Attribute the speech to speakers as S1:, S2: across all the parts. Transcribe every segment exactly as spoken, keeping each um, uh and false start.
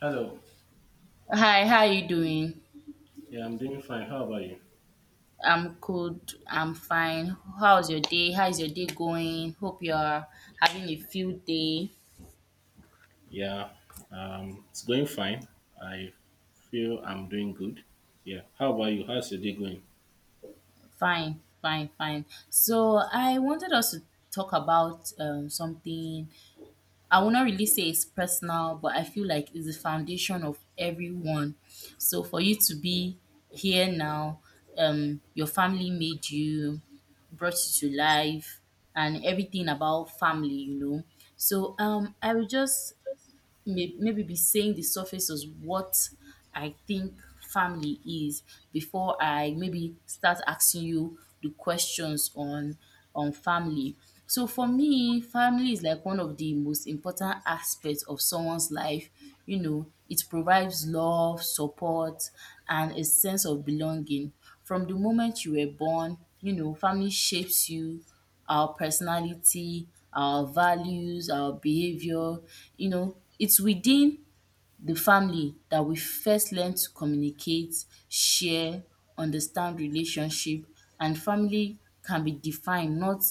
S1: Hello.
S2: Hi, how are you doing?
S1: Yeah, I'm doing fine. How about you?
S2: I'm good. I'm fine. How's your day? How is your day going? Hope you're having a field day.
S1: Yeah, um, it's going fine. I feel I'm doing good. Yeah. How about you? How's your day going?
S2: Fine, fine, fine. So I wanted us to talk about um, something. I will not really say it's personal, but I feel like it's the foundation of everyone. So for you to be here now, um, your family made you, brought you to life, and everything about family, you know. So um, I will just may- maybe be saying the surface is what I think family is before I maybe start asking you the questions on on family. So for me, family is like one of the most important aspects of someone's life. You know, it provides love, support, and a sense of belonging. From the moment you were born, you know, family shapes you our personality, our values, our behavior. You know, it's within the family that we first learn to communicate, share, understand relationship, and family can be defined not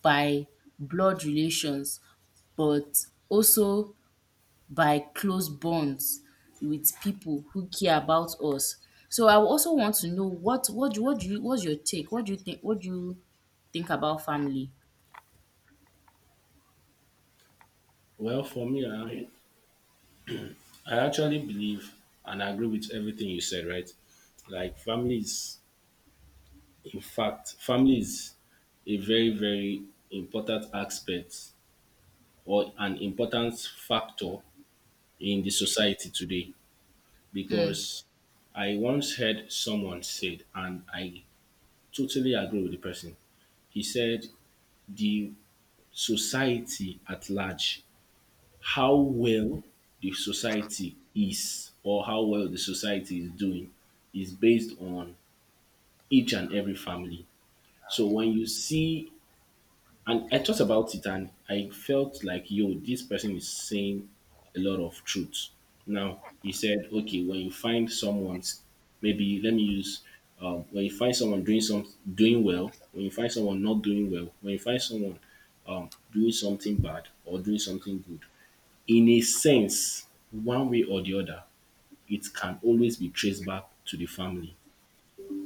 S2: by blood relations but also by close bonds with people who care about us. So I also want to know what what do- what do you what's your take? What do you think what do you think about family?
S1: Well, for me, I, I actually believe and agree with everything you said, right? Like, family is, in fact, family is a very, very important aspect or an important factor in the society today, because I once heard someone said, and I totally agree with the person. He said the society at large, how well the society is or how well the society is doing is based on each and every family. So when you see. And I thought about it and I felt like, yo, this person is saying a lot of truth. Now, he said, okay, when you find someone's, maybe let me use, um, when you find someone doing some doing well, when you find someone not doing well, when you find someone um, doing something bad or doing something good, in a sense, one way or the other, it can always be traced back to the family.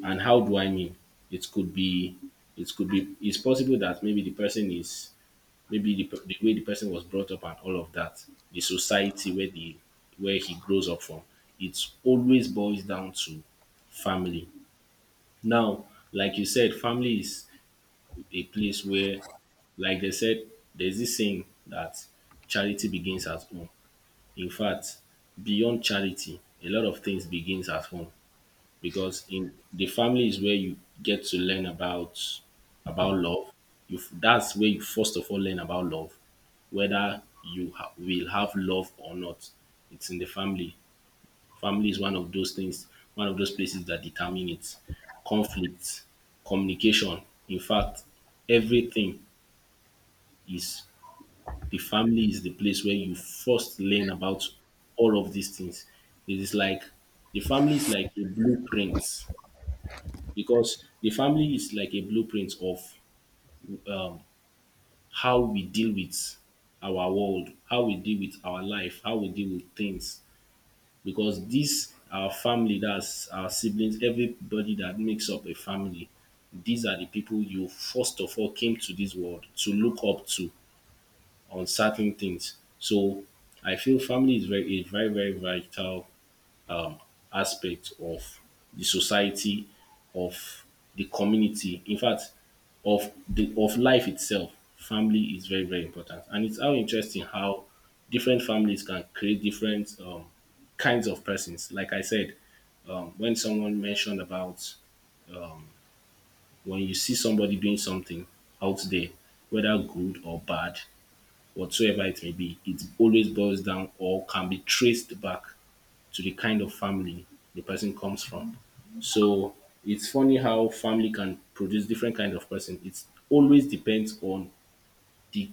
S1: And how do I mean? It could be, it could be, it's possible that maybe the person is maybe the, pe- the way the person was brought up and all of that, the society where the where he grows up from, it always boils down to family. Now, like you said, family is a place where, like they said, there's this saying that charity begins at home. In fact, beyond charity, a lot of things begins at home, because in the family is where you get to learn about about love. You f- that's where you first of all learn about love, whether you ha- will have love or not. It's in the family. Family is one of those things, one of those places that determine it. Conflict, communication. In fact, everything is, the family is the place where you first learn about all of these things. It is like, the family is like a blueprint, because the family is like a blueprint of um, how we deal with our world, how we deal with our life, how we deal with things. Because this, our family, that's our siblings, everybody that makes up a family, these are the people you first of all came to this world to look up to on certain things. So I feel family is very, is very, very vital aspect of the society, of the community, in fact, of the of life itself. Family is very, very important. And it's how interesting how different families can create different um, kinds of persons. Like I said, um, when someone mentioned about when you see somebody doing something out there, whether good or bad, whatsoever it may be, it always boils down or can be traced back to the kind of family the person comes from. So it's funny how family can produce different kind of person. It always depends on the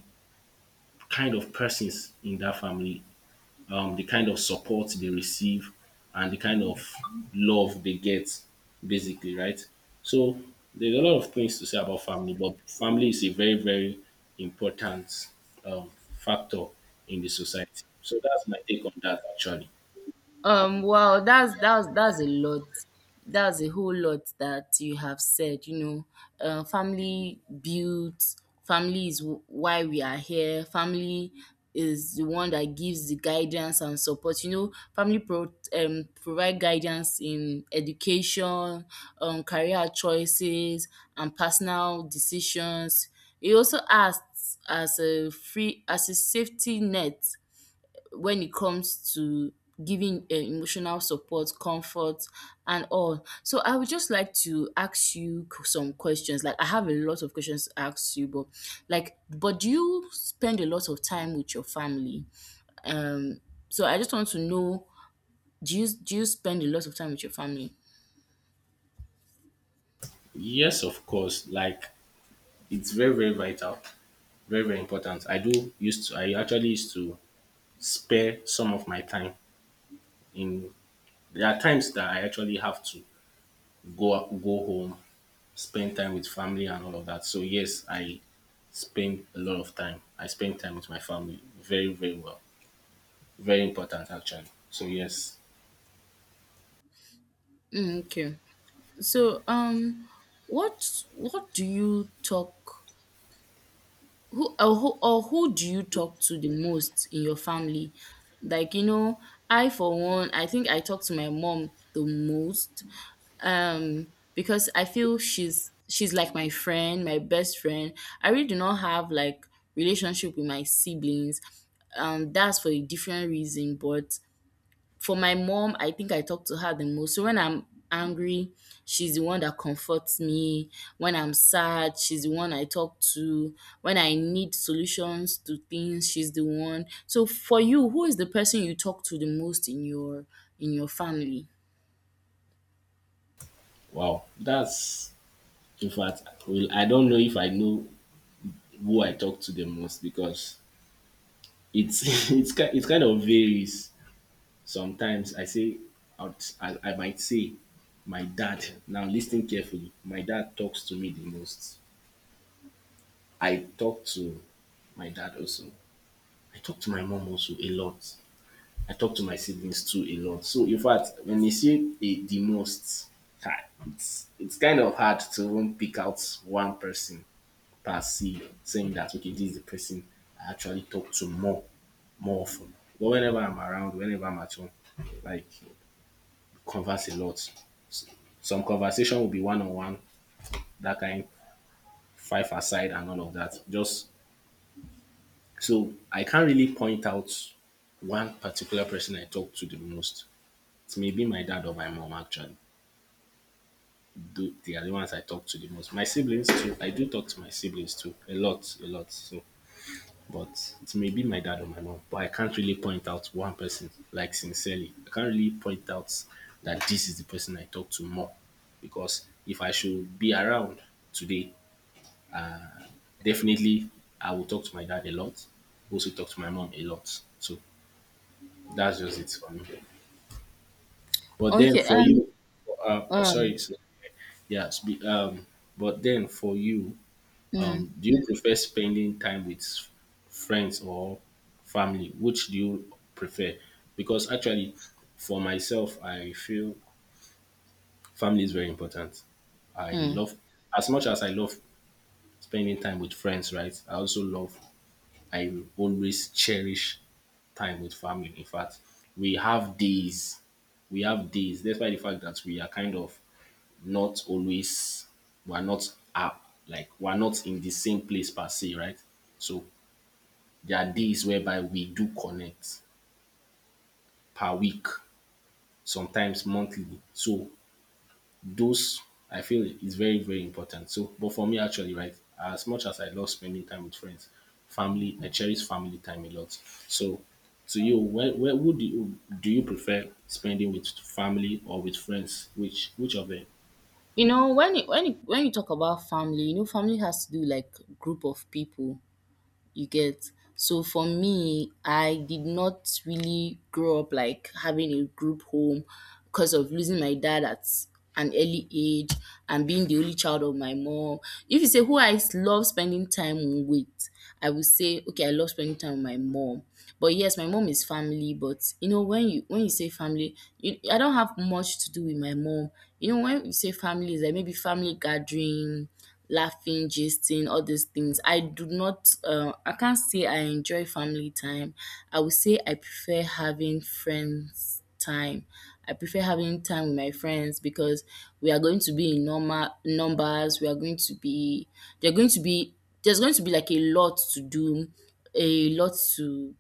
S1: kind of persons in that family, um, the kind of support they receive, and the kind of love they get, basically, right? So there's a lot of things to say about family, but family is a very, very important um, factor in the society. So that's my take on that, actually.
S2: Um, well, that's that's that's a lot. That's a whole lot that you have said. You know, uh, family builds. Family is wh- why we are here. Family is the one that gives the guidance and support. You know, family pro- um, provide guidance in education, um, career choices, and personal decisions. It also acts as a free as a safety net when it comes to giving uh, emotional support, comfort, and all. So I would just like to ask you q- some questions. Like I have a lot of questions to ask you, but like, but do you spend a lot of time with your family? Um, so I just want to know, do you do you spend a lot of time with your family?
S1: Yes, of course. Like it's very, very vital, very, very important. i do used to I actually used to spare some of my time in, there are times that I actually have to go go home, spend time with family and all of that. So yes, I spend a lot of time, I spend time with my family very, very well. Very important, actually. So yes.
S2: Mm, okay. So um, what what do you talk? who or who or who do you talk to the most in your family? Like, you know, I for one, I think I talk to my mom the most, um because I feel she's she's like my friend, my best friend. I really do not have like relationship with my siblings, um that's for a different reason. But for my mom, I think I talk to her the most. So when I'm angry, she's the one that comforts me. When I'm sad, she's the one I talk to. When I need solutions to things, she's the one. So for you, who is the person you talk to the most in your in your family?
S1: Wow, that's, in fact, well, I don't know if I know who I talk to the most, because it's it's ki- it kind of varies. Sometimes I say, out- I, I might say, my dad, now listen carefully, my dad talks to me the most. I talk to my dad also. I talk to my mom also a lot. I talk to my siblings too a lot. So, in fact, when you say a, the most, ah, it's, it's kind of hard to even pick out one person per se, saying that, okay, this is the person I actually talk to more, more often. But whenever I'm around, whenever I'm at home, like, converse a lot. Some conversation will be one on one, that kind, five aside, and all of that. Just so I can't really point out one particular person I talk to the most. It may be my dad or my mom, actually. Tho- They are the ones I talk to the most. My siblings, too. I do talk to my siblings, too. A lot, a lot. So, but it may be my dad or my mom. But I can't really point out one person, like, sincerely. I can't really point out that this is the person I talk to more. Because if I should be around today, definitely I will talk to my dad a lot, also talk to my mom a lot. So that's just it for me. But then
S2: Okay,
S1: for
S2: um,
S1: you, uh,
S2: um,
S1: sorry, so- yeah, spe- um, but then for you,
S2: mm,
S1: um, do you prefer spending time with friends or family? Which do you prefer? Because actually, for myself, I feel family is very important. I
S2: mm.
S1: love, as much as I love spending time with friends, right? I also love, I always cherish time with family. In fact, we have days, we have days, despite the fact that we are kind of not always, we are not up, like we are not in the same place per se, right? So there are days whereby we do connect per week, sometimes monthly. So those I feel is very, very important. So, but for me actually, right, as much as I love spending time with friends, family, I cherish family time a lot. So, to you, where, where would you, do you prefer spending with family or with friends? Which which of them?
S2: You know, when it, when it, when you talk about family, you know, family has to do like group of people. You get. So for me, I did not really grow up like having a group home because of losing my dad at an early age and being the only child of my mom. If you say who I s- love spending time with, I would say okay, I love spending time with my mom. But yes, my mom is family, but you know when you when you say family, you, I don't have much to do with my mom. You know when you say family is like maybe family gathering, laughing, gisting, all these things. I do not, uh, I can't say I enjoy family time. I would say I prefer having friends time. I prefer having time with my friends because we are going to be in normal numbers. We are going to be, they're going to be, there's going to be like a lot to do, a lot to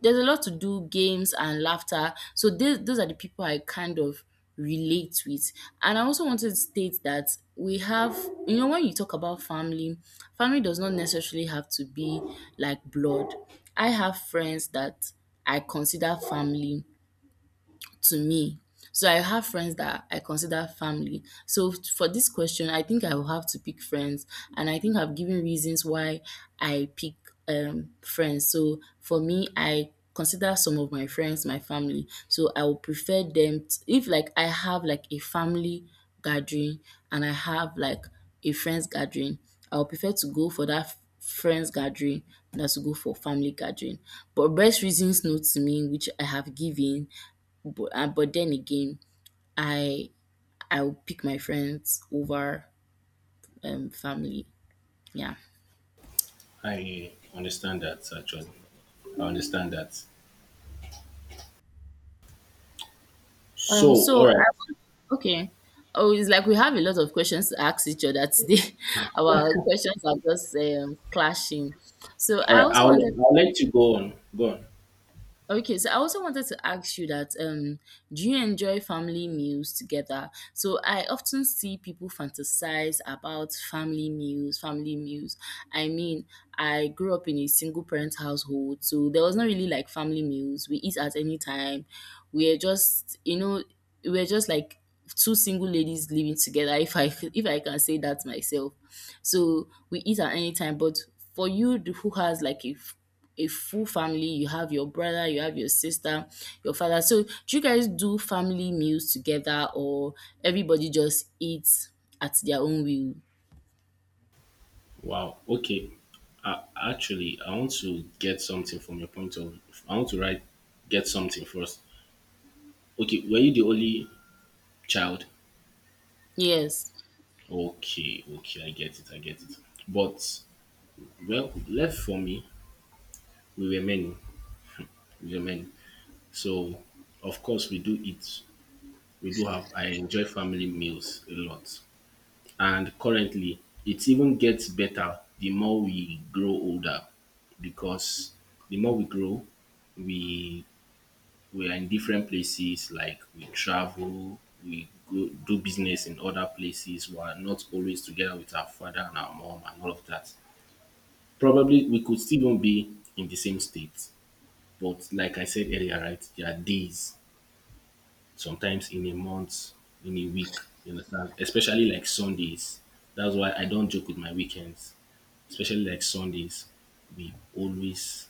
S2: there's a lot to do, games and laughter. So those those are the people I kind of relate with. And I also wanted to state that we have, you know, when you talk about family, family does not necessarily have to be like blood. I have friends that I consider family to me. So I have friends that I consider family. So f- for this question, I think I will have to pick friends, and I think I've given reasons why I pick um, friends. So for me, I consider some of my friends my family. So I will prefer them t- if like I have like a family gathering and I have like a friends gathering. I will prefer to go for that f- friends gathering than to go for family gathering. But best reasons no to me, which I have given, but uh, but then again, I I will pick my friends over um family. Yeah.
S1: I understand that actually. I understand that. So,
S2: Um. So
S1: all
S2: I
S1: right,
S2: want- okay. Oh, it's like we have a lot of questions to ask each other today. Our questions are just um, clashing. So
S1: all
S2: I
S1: right.
S2: also
S1: I'll
S2: wanted
S1: I'll let you go on. Go on.
S2: Okay, so I also wanted to ask you that um, do you enjoy family meals together? So I often see people fantasize about family meals, family meals. I mean, I grew up in a single parent household, so there was not really like family meals. We eat at any time. We are just, you know, we are just like two single ladies living together. If I if I can say that myself. So we eat at any time. But for you th- who has like a f- a full family, you have your brother, you have your sister, your father. So do you guys do family meals together or everybody just eats at their own will?
S1: Wow. Okay. Uh, actually, I want to get something from your point of. I want to write get something first. Okay, were you the only child?
S2: Yes.
S1: Okay, okay, I get it, I get it. But well, left for me, we were many, we were many. So of course we do eat, we do have. I enjoy family meals a lot, and currently it even gets better the more we grow older, because the more we grow, we we are in different places, like we travel, we go do business in other places. We are not always together with our father and our mom and all of that. Probably we could still not be in the same state, but like I said earlier, right, there are days, sometimes in a month, in a week, you understand? Especially like Sundays. That's why I don't joke with my weekends, especially like Sundays. We always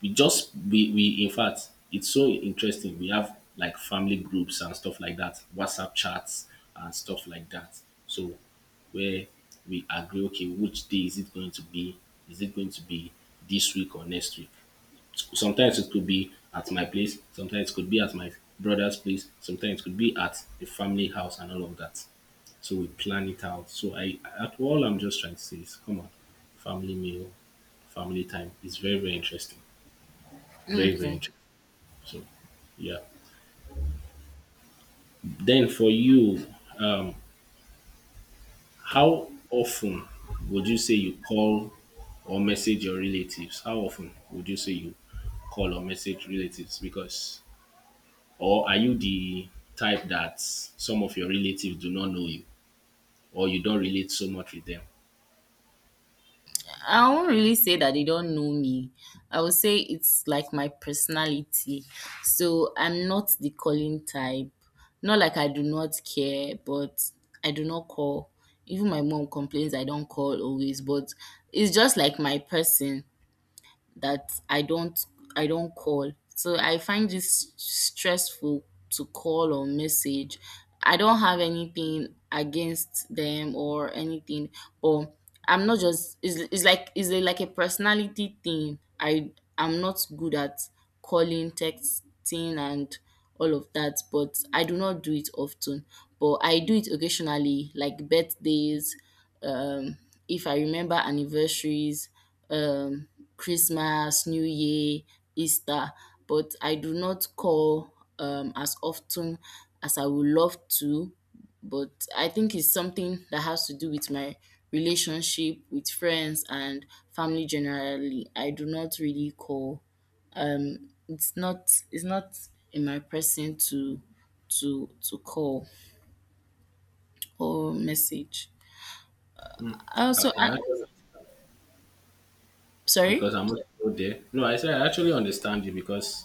S1: we just we we in fact it's so interesting. We have like family groups and stuff like that, WhatsApp chats and stuff like that. So where we agree, okay, which day is it going to be? Is it going to be this week or next week? Sometimes it could be at my place, sometimes it could be at my brother's place, sometimes it could be at the family house and all of that. So we plan it out. So I at all I'm just trying to say is come on, family meal, family time is very, very interesting. Very, very
S2: Mm.
S1: interesting. So, yeah. Then for you, how often would you say you call or message your relatives? How often would you say you call or message relatives? Because, or are you the type that some of your relatives do not know you or you don't relate so much with them?
S2: I won't really say that they don't know me. I would say it's like my personality. So I'm not the calling type. Not like I do not care, but I do not call. Even my mom complains I don't call always, but it's just like my person that I don't I don't call. So I find this stressful to call or message. I don't have anything against them or anything, or I'm not just it's, it's like it's a, like a personality thing. I I'm not good at calling, texting and all of that, but I do not do it often. But I do it occasionally, like birthdays, um if I remember anniversaries, um Christmas, New Year, Easter, but I do not call um as often as I would love to, but I think it's something that has to do with my relationship with friends and family generally. I do not really call. It's not it's not in my person to to to call or message.
S1: I,
S2: Also,
S1: I
S2: I,
S1: actually,
S2: sorry.
S1: because I'm also there. No, I said I actually understand you because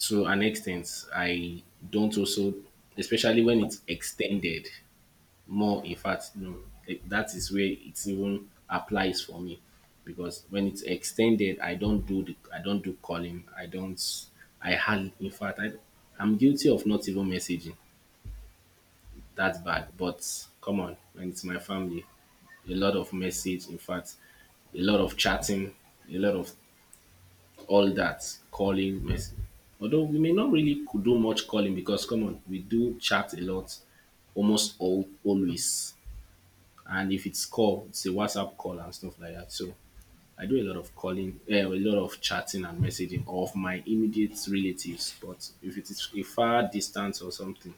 S1: to an extent, I don't also, especially when it's extended. More, in fact no, it, that is where it even applies for me, because when it's extended i don't do the I don't do calling, I don't, I hardly, in fact, I, I'm guilty of not even messaging. That's bad. But come on, when it's my family, a lot of message, in fact, a lot of chatting, a lot of, all that calling mess, although we may not really could do much calling, because come on, we do chat a lot almost all always. And if it's call, it's a WhatsApp call and stuff like that. So I do a lot of calling, uh, a lot of chatting and messaging of my immediate relatives. But if it is a far distance or something,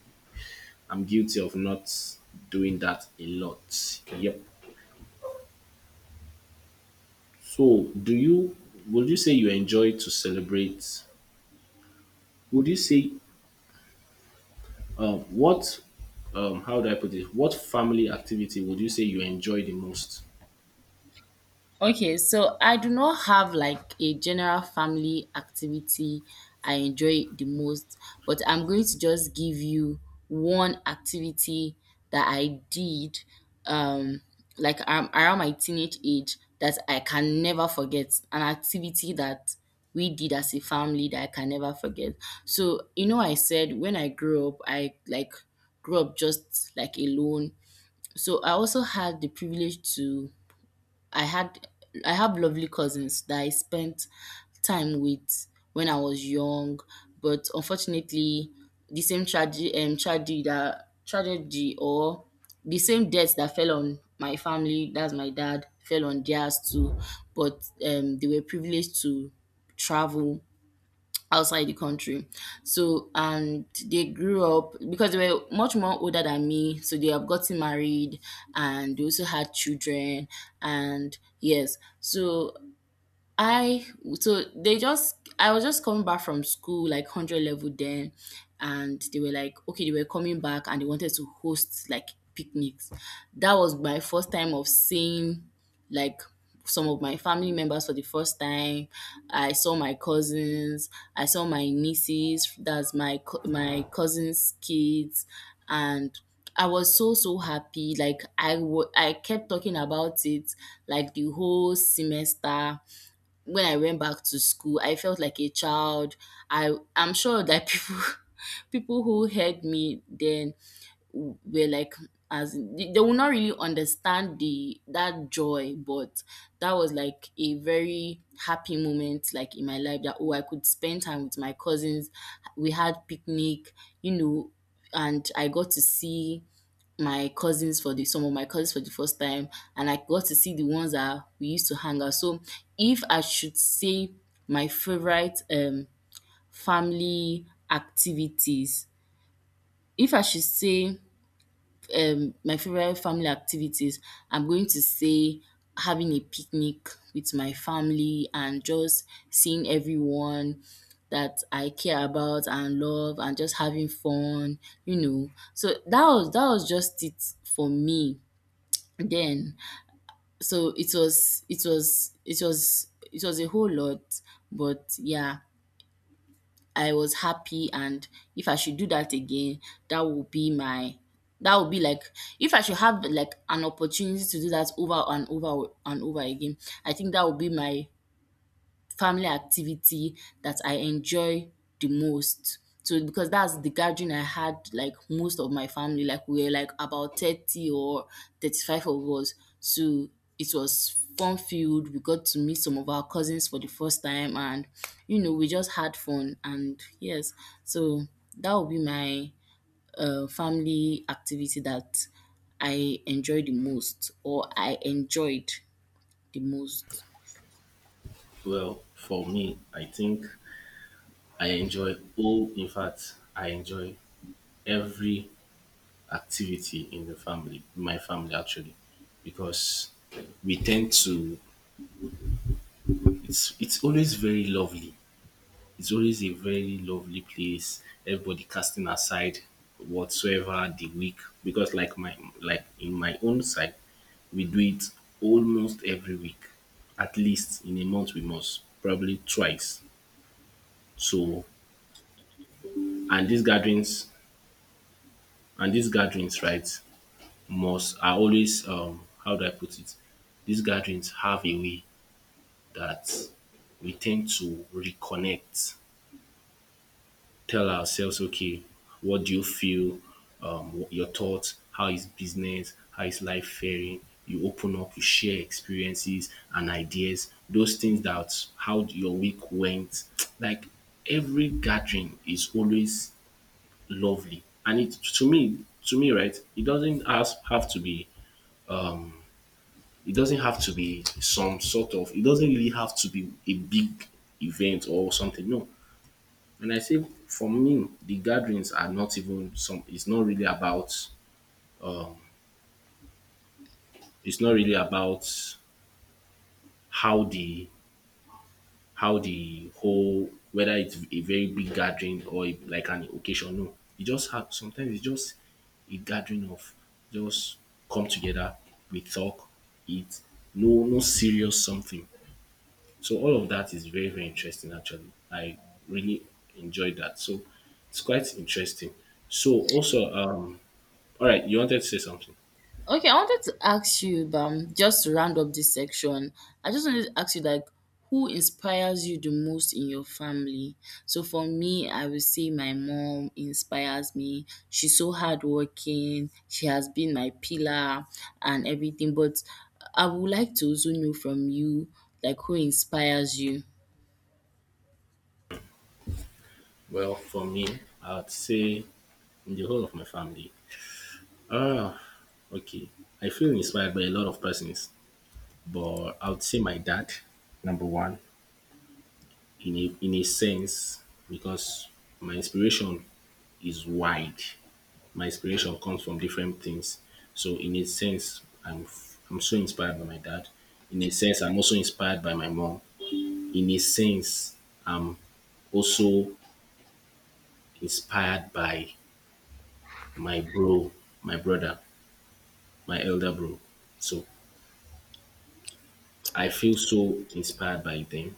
S1: I'm guilty of not doing that a lot. Yep. So do you? Would you say you enjoy to celebrate? Would you say um, what? Um, how do I put it? What family activity would you say you enjoy the most?
S2: Okay, so I do not have like a general family activity I enjoy the most, but I'm going to just give you one activity that I did um like um, around my teenage age that I can never forget. An activity that we did as a family that I can never forget. So, you know I said when I grew up, I like grew up just like alone. So I also had the privilege to I had I have lovely cousins that I spent time with when I was young, but unfortunately, the same tragedy, um, tragedy that tragedy or the same death that fell on my family, that's my dad, fell on theirs too. But um, they were privileged to travel outside the country. So, and they grew up because they were much more older than me. So they have gotten married and they also had children. And yes, so I so they just I was just coming back from school like hundred level then, and they were like okay they were coming back and they wanted to host like picnics. That was my first time of seeing like some of my family members for the first time. I saw my cousins. I saw my nieces. That's my co- my cousins' kids, and I was so so happy. Like I wa- I kept talking about it like the whole semester. When I went back to school, I felt like a child. I I'm sure that people people who heard me then were like as in- they they will not really understand the that joy, but that was like a very happy moment like in my life that oh I could spend time with my cousins. We had picnic, you know, and I got to see my cousins for the some of my cousins for the first time, and I got to see the ones that we used to hang out. So if I should say my favorite um family activities if I should say um my favorite family activities, I'm going to say having a picnic with my family and just seeing everyone that I care about and love and just having fun, you know. So that was that was just it for me then. So it was it was it was it was a whole lot, but yeah. I was happy, and if I should do that again, that would be my that would be like if I should have like an opportunity to do that over and over and over again, I think that would be my family activity that I enjoy the most. So because that's the gathering I had like most of my family, like we were like about thirty or thirty-five of us. So it was fun filled. We got to meet some of our cousins for the first time and you know, we just had fun and yes. So that would be my uh, family activity that I enjoy the most or I enjoyed the most.
S1: Well, for me, I think I enjoy oh, in fact, I enjoy every activity in the family, my family actually, because we tend to it's it's always very lovely. It's always a very lovely place. Everybody casting aside whatsoever the week, because like my like in my own side, we do it almost every week. At least in a month we must, probably twice. So and these gatherings and these gatherings, right? Must are always um how do I put it? These gatherings have a way that we tend to reconnect, tell ourselves, okay, what do you feel? Um, what- your thoughts, how is business, how is life faring? You open up, you share experiences and ideas, those things that how your week went. Like every gathering is always lovely. And it to me, to me, right, it doesn't has, have to be it doesn't have to be some sort of, it doesn't really have to be a big event or something, no. And I say, for me the gatherings are not even some, it's not really about um it's not really about how the, how the whole, whether it's a very big gathering or a- like an occasion, no, you just have, sometimes it's just a gathering of just come together, we talk, eat, no, no serious something. So all of that is very, very interesting actually. I really enjoyed that. So it's quite interesting. So also, um, all right, you wanted to say something?
S2: Okay, I wanted to ask you, um, just to round up this section, I just wanted to ask you, like, who inspires you the most in your family? So for me, I would say my mom inspires me. She's so hardworking. She has been my pillar and everything. But I would like to also know from you, like, who inspires you?
S1: Well, for me, I'd say in the whole of my family. Ah, okay. I feel inspired by a lot of persons, but I would say my dad, number one, in a, in a sense, because my inspiration is wide. My inspiration comes from different things. So in a sense, I'm I'm so inspired by my dad. In a sense, I'm also inspired by my mom. In a sense, I'm also inspired by my bro, my brother, my elder bro. So I feel so inspired by them.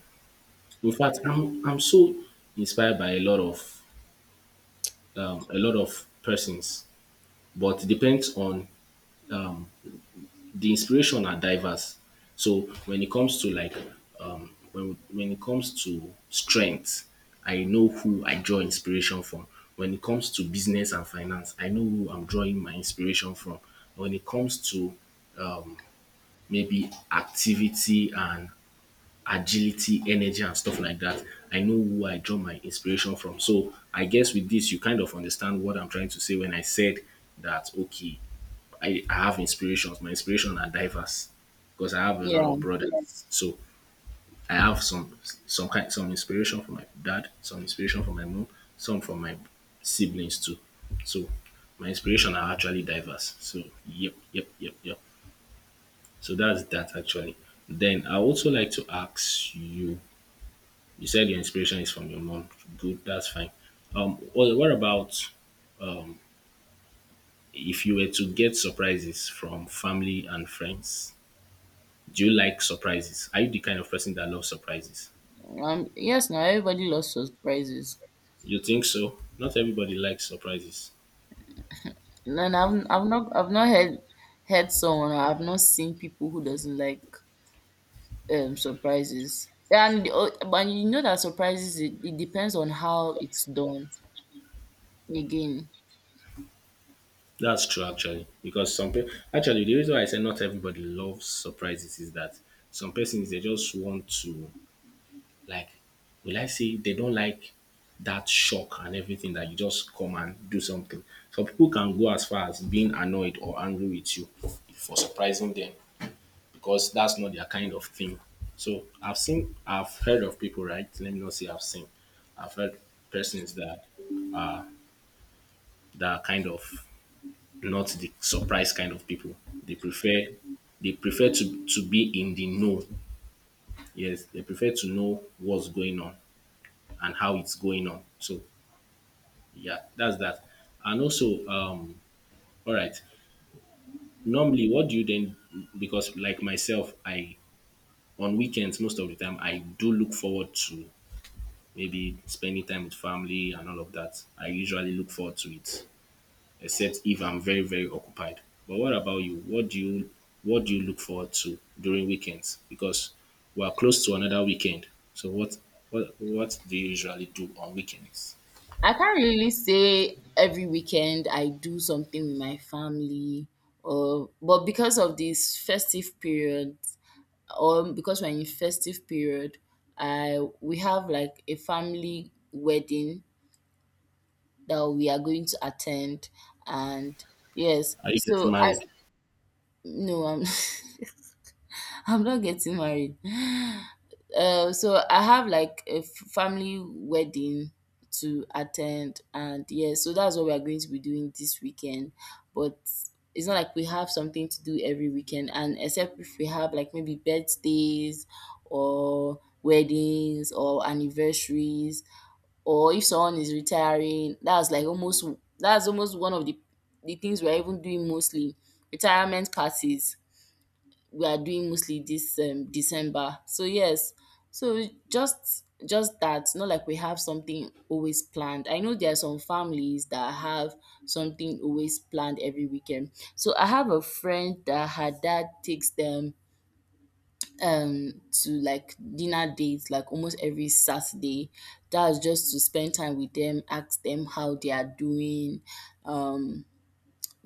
S1: In fact, I'm I'm so inspired by a lot of um, a lot of persons, but it depends on the inspiration are diverse. So when it comes to like um when when it comes to strength, I know who I draw inspiration from. When it comes to business and finance, I know who I'm drawing my inspiration from. When it comes to maybe activity and agility, energy, and stuff like that. I know who I draw my inspiration from. So I guess with this, you kind of understand what I'm trying to say when I said that, okay, I, I have inspirations. My inspiration are diverse because I have a lot of
S2: Yeah.
S1: brothers. So I have some some kind some inspiration from my dad, some inspiration from my mom, some from my siblings too. So my inspiration are actually diverse. So yep, yep, yep, yep. So that's that actually. Then I also like to ask you, you said your inspiration is from your mom. Good, that's fine. Um, what, what about if you were to get surprises from family and friends? Do you like surprises? Are you the kind of person that loves surprises?
S2: Um. Yes. Now everybody loves surprises.
S1: You think so? Not everybody likes surprises.
S2: And I've I've not I've not heard heard someone, or I've not seen people who doesn't like um surprises. And uh, and you know that surprises, it, it depends on how it's done again.
S1: That's true, actually, because some people actually the reason why I say not everybody loves surprises is that some persons they just want to, like, will I say they don't like that shock and everything that you just come and do something. Some people can go as far as being annoyed or angry with you for surprising them because that's not their kind of thing. So I've seen, I've heard of people, right? Let me not say I've seen. I've heard persons that that are kind of not the surprise kind of people. They prefer they prefer to, to be in the know. Yes, they prefer to know what's going on and how it's going on. So yeah, that's that. And also um all right, normally what do you then, because like myself, I, on weekends most of the time I do look forward to maybe spending time with family and all of that. I usually look forward to it, except if I'm very, very occupied. But what about you? What do you what do you look forward to during weekends, because we are close to another weekend. So what what what do you usually do on weekends?
S2: I can't really say every weekend I do something with my family, or but because of this festive period, or because we're in festive period, I we have like a family wedding that we are going to attend, and yes,
S1: Are you getting
S2: so I
S1: married?
S2: No, I'm I'm not getting married. Uh, so I have like a f- family wedding to attend, and yeah, so that's what we are going to be doing this weekend. But it's not like we have something to do every weekend, and except if we have like maybe birthdays or weddings or anniversaries, or if someone is retiring, that's like almost that's almost one of the the things we're even doing mostly. Retirement parties we are doing mostly this um, December. So yes, so just just that, not like we have something always planned. I know there are some families that have something always planned every weekend. So I have a friend that her dad takes them um to like dinner dates like almost every Saturday. That's just to spend time with them, ask them how they are doing, um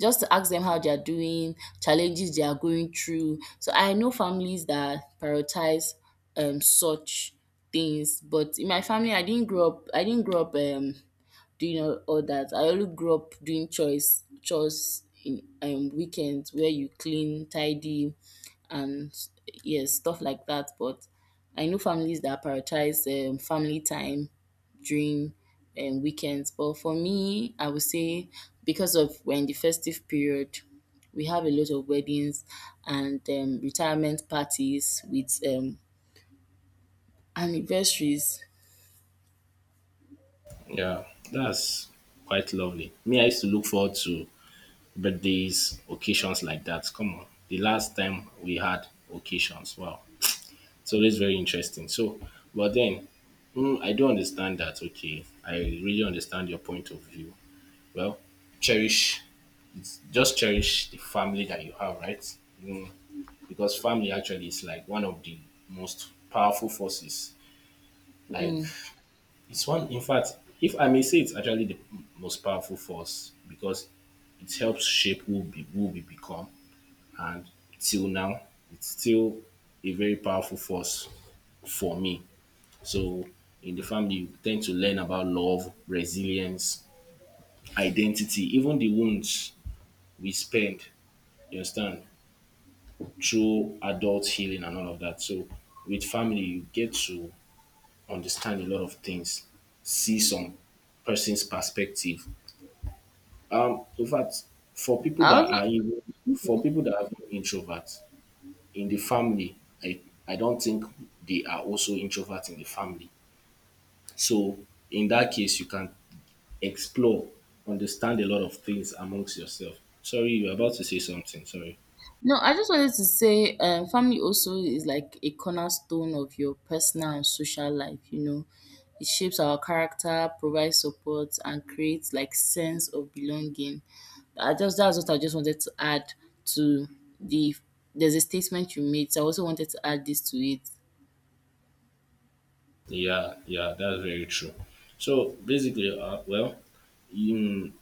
S2: just to ask them how they are doing, challenges they are going through. So I know families that prioritize um such things, but in my family, I didn't grow up. I didn't grow up um doing all, all that. I only grew up doing chores, chores in um weekends where you clean, tidy, and yes, stuff like that. But I know families that prioritize um, family time during um, weekends. But for me, I would say because of we're in the festive period, we have a lot of weddings and um, retirement parties with um, anniversaries.
S1: Yeah, that's quite lovely. Me, I used to look forward to birthdays, occasions like that. Come on, the last time we had occasions, wow, it's always very interesting. So, but then, mm, I do understand that. Okay, I really understand your point of view. Well, cherish, it's just cherish the family that you have, right? Mm, because family actually is like one of the most powerful forces. Like,
S2: Mm.
S1: it's one, in fact, if I may say, it's actually the most powerful force because it helps shape who we, who we become. And till now, it's still a very powerful force for me. So, in the family, you tend to learn about love, resilience, identity, even the wounds we spend, you understand, through adult healing and all of that. So, with family, you get to understand a lot of things, see some person's perspective. Um, in fact, for people
S2: I
S1: that are
S2: also,
S1: even
S2: okay.
S1: for people that are even introverts in the family, I I don't think they are also introverts in the family. So in that case, you can explore, understand a lot of things amongst yourself. Sorry, you're about to say something. Sorry.
S2: No, I just wanted to say, um, family also is like a cornerstone of your personal and social life, you know. It shapes our character, provides support, and creates like sense of belonging. I just that's what I just wanted to add to the there's a statement you made, so I also wanted to add this to it.
S1: Yeah, yeah, that's very true. So basically, uh, well, in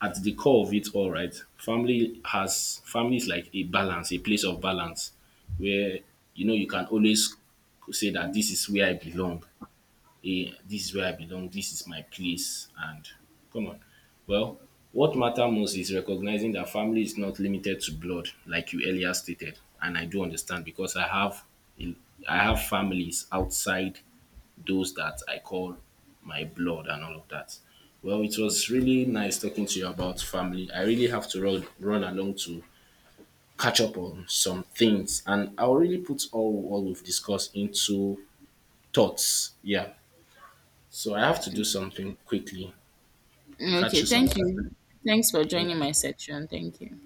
S1: at the core of it all, right, family has family is like a balance, a place of balance where you know you can always say that this is where I belong, eh, this is where I belong, this is my place, and come on. Well, what matter most is recognizing that family is not limited to blood, like you earlier stated, and I do understand because I have a- I have families outside those that I call my blood and all of that. Well, it was really nice talking to you about family. I really have to run run along to catch up on some things, and I'll really put all what we've discussed into thoughts. Yeah. So I have to do something quickly.
S2: Mm.
S1: Catch
S2: Okay,
S1: you some
S2: thank
S1: other time.
S2: you. Thanks for
S1: Thank you.
S2: joining my section. Thank you.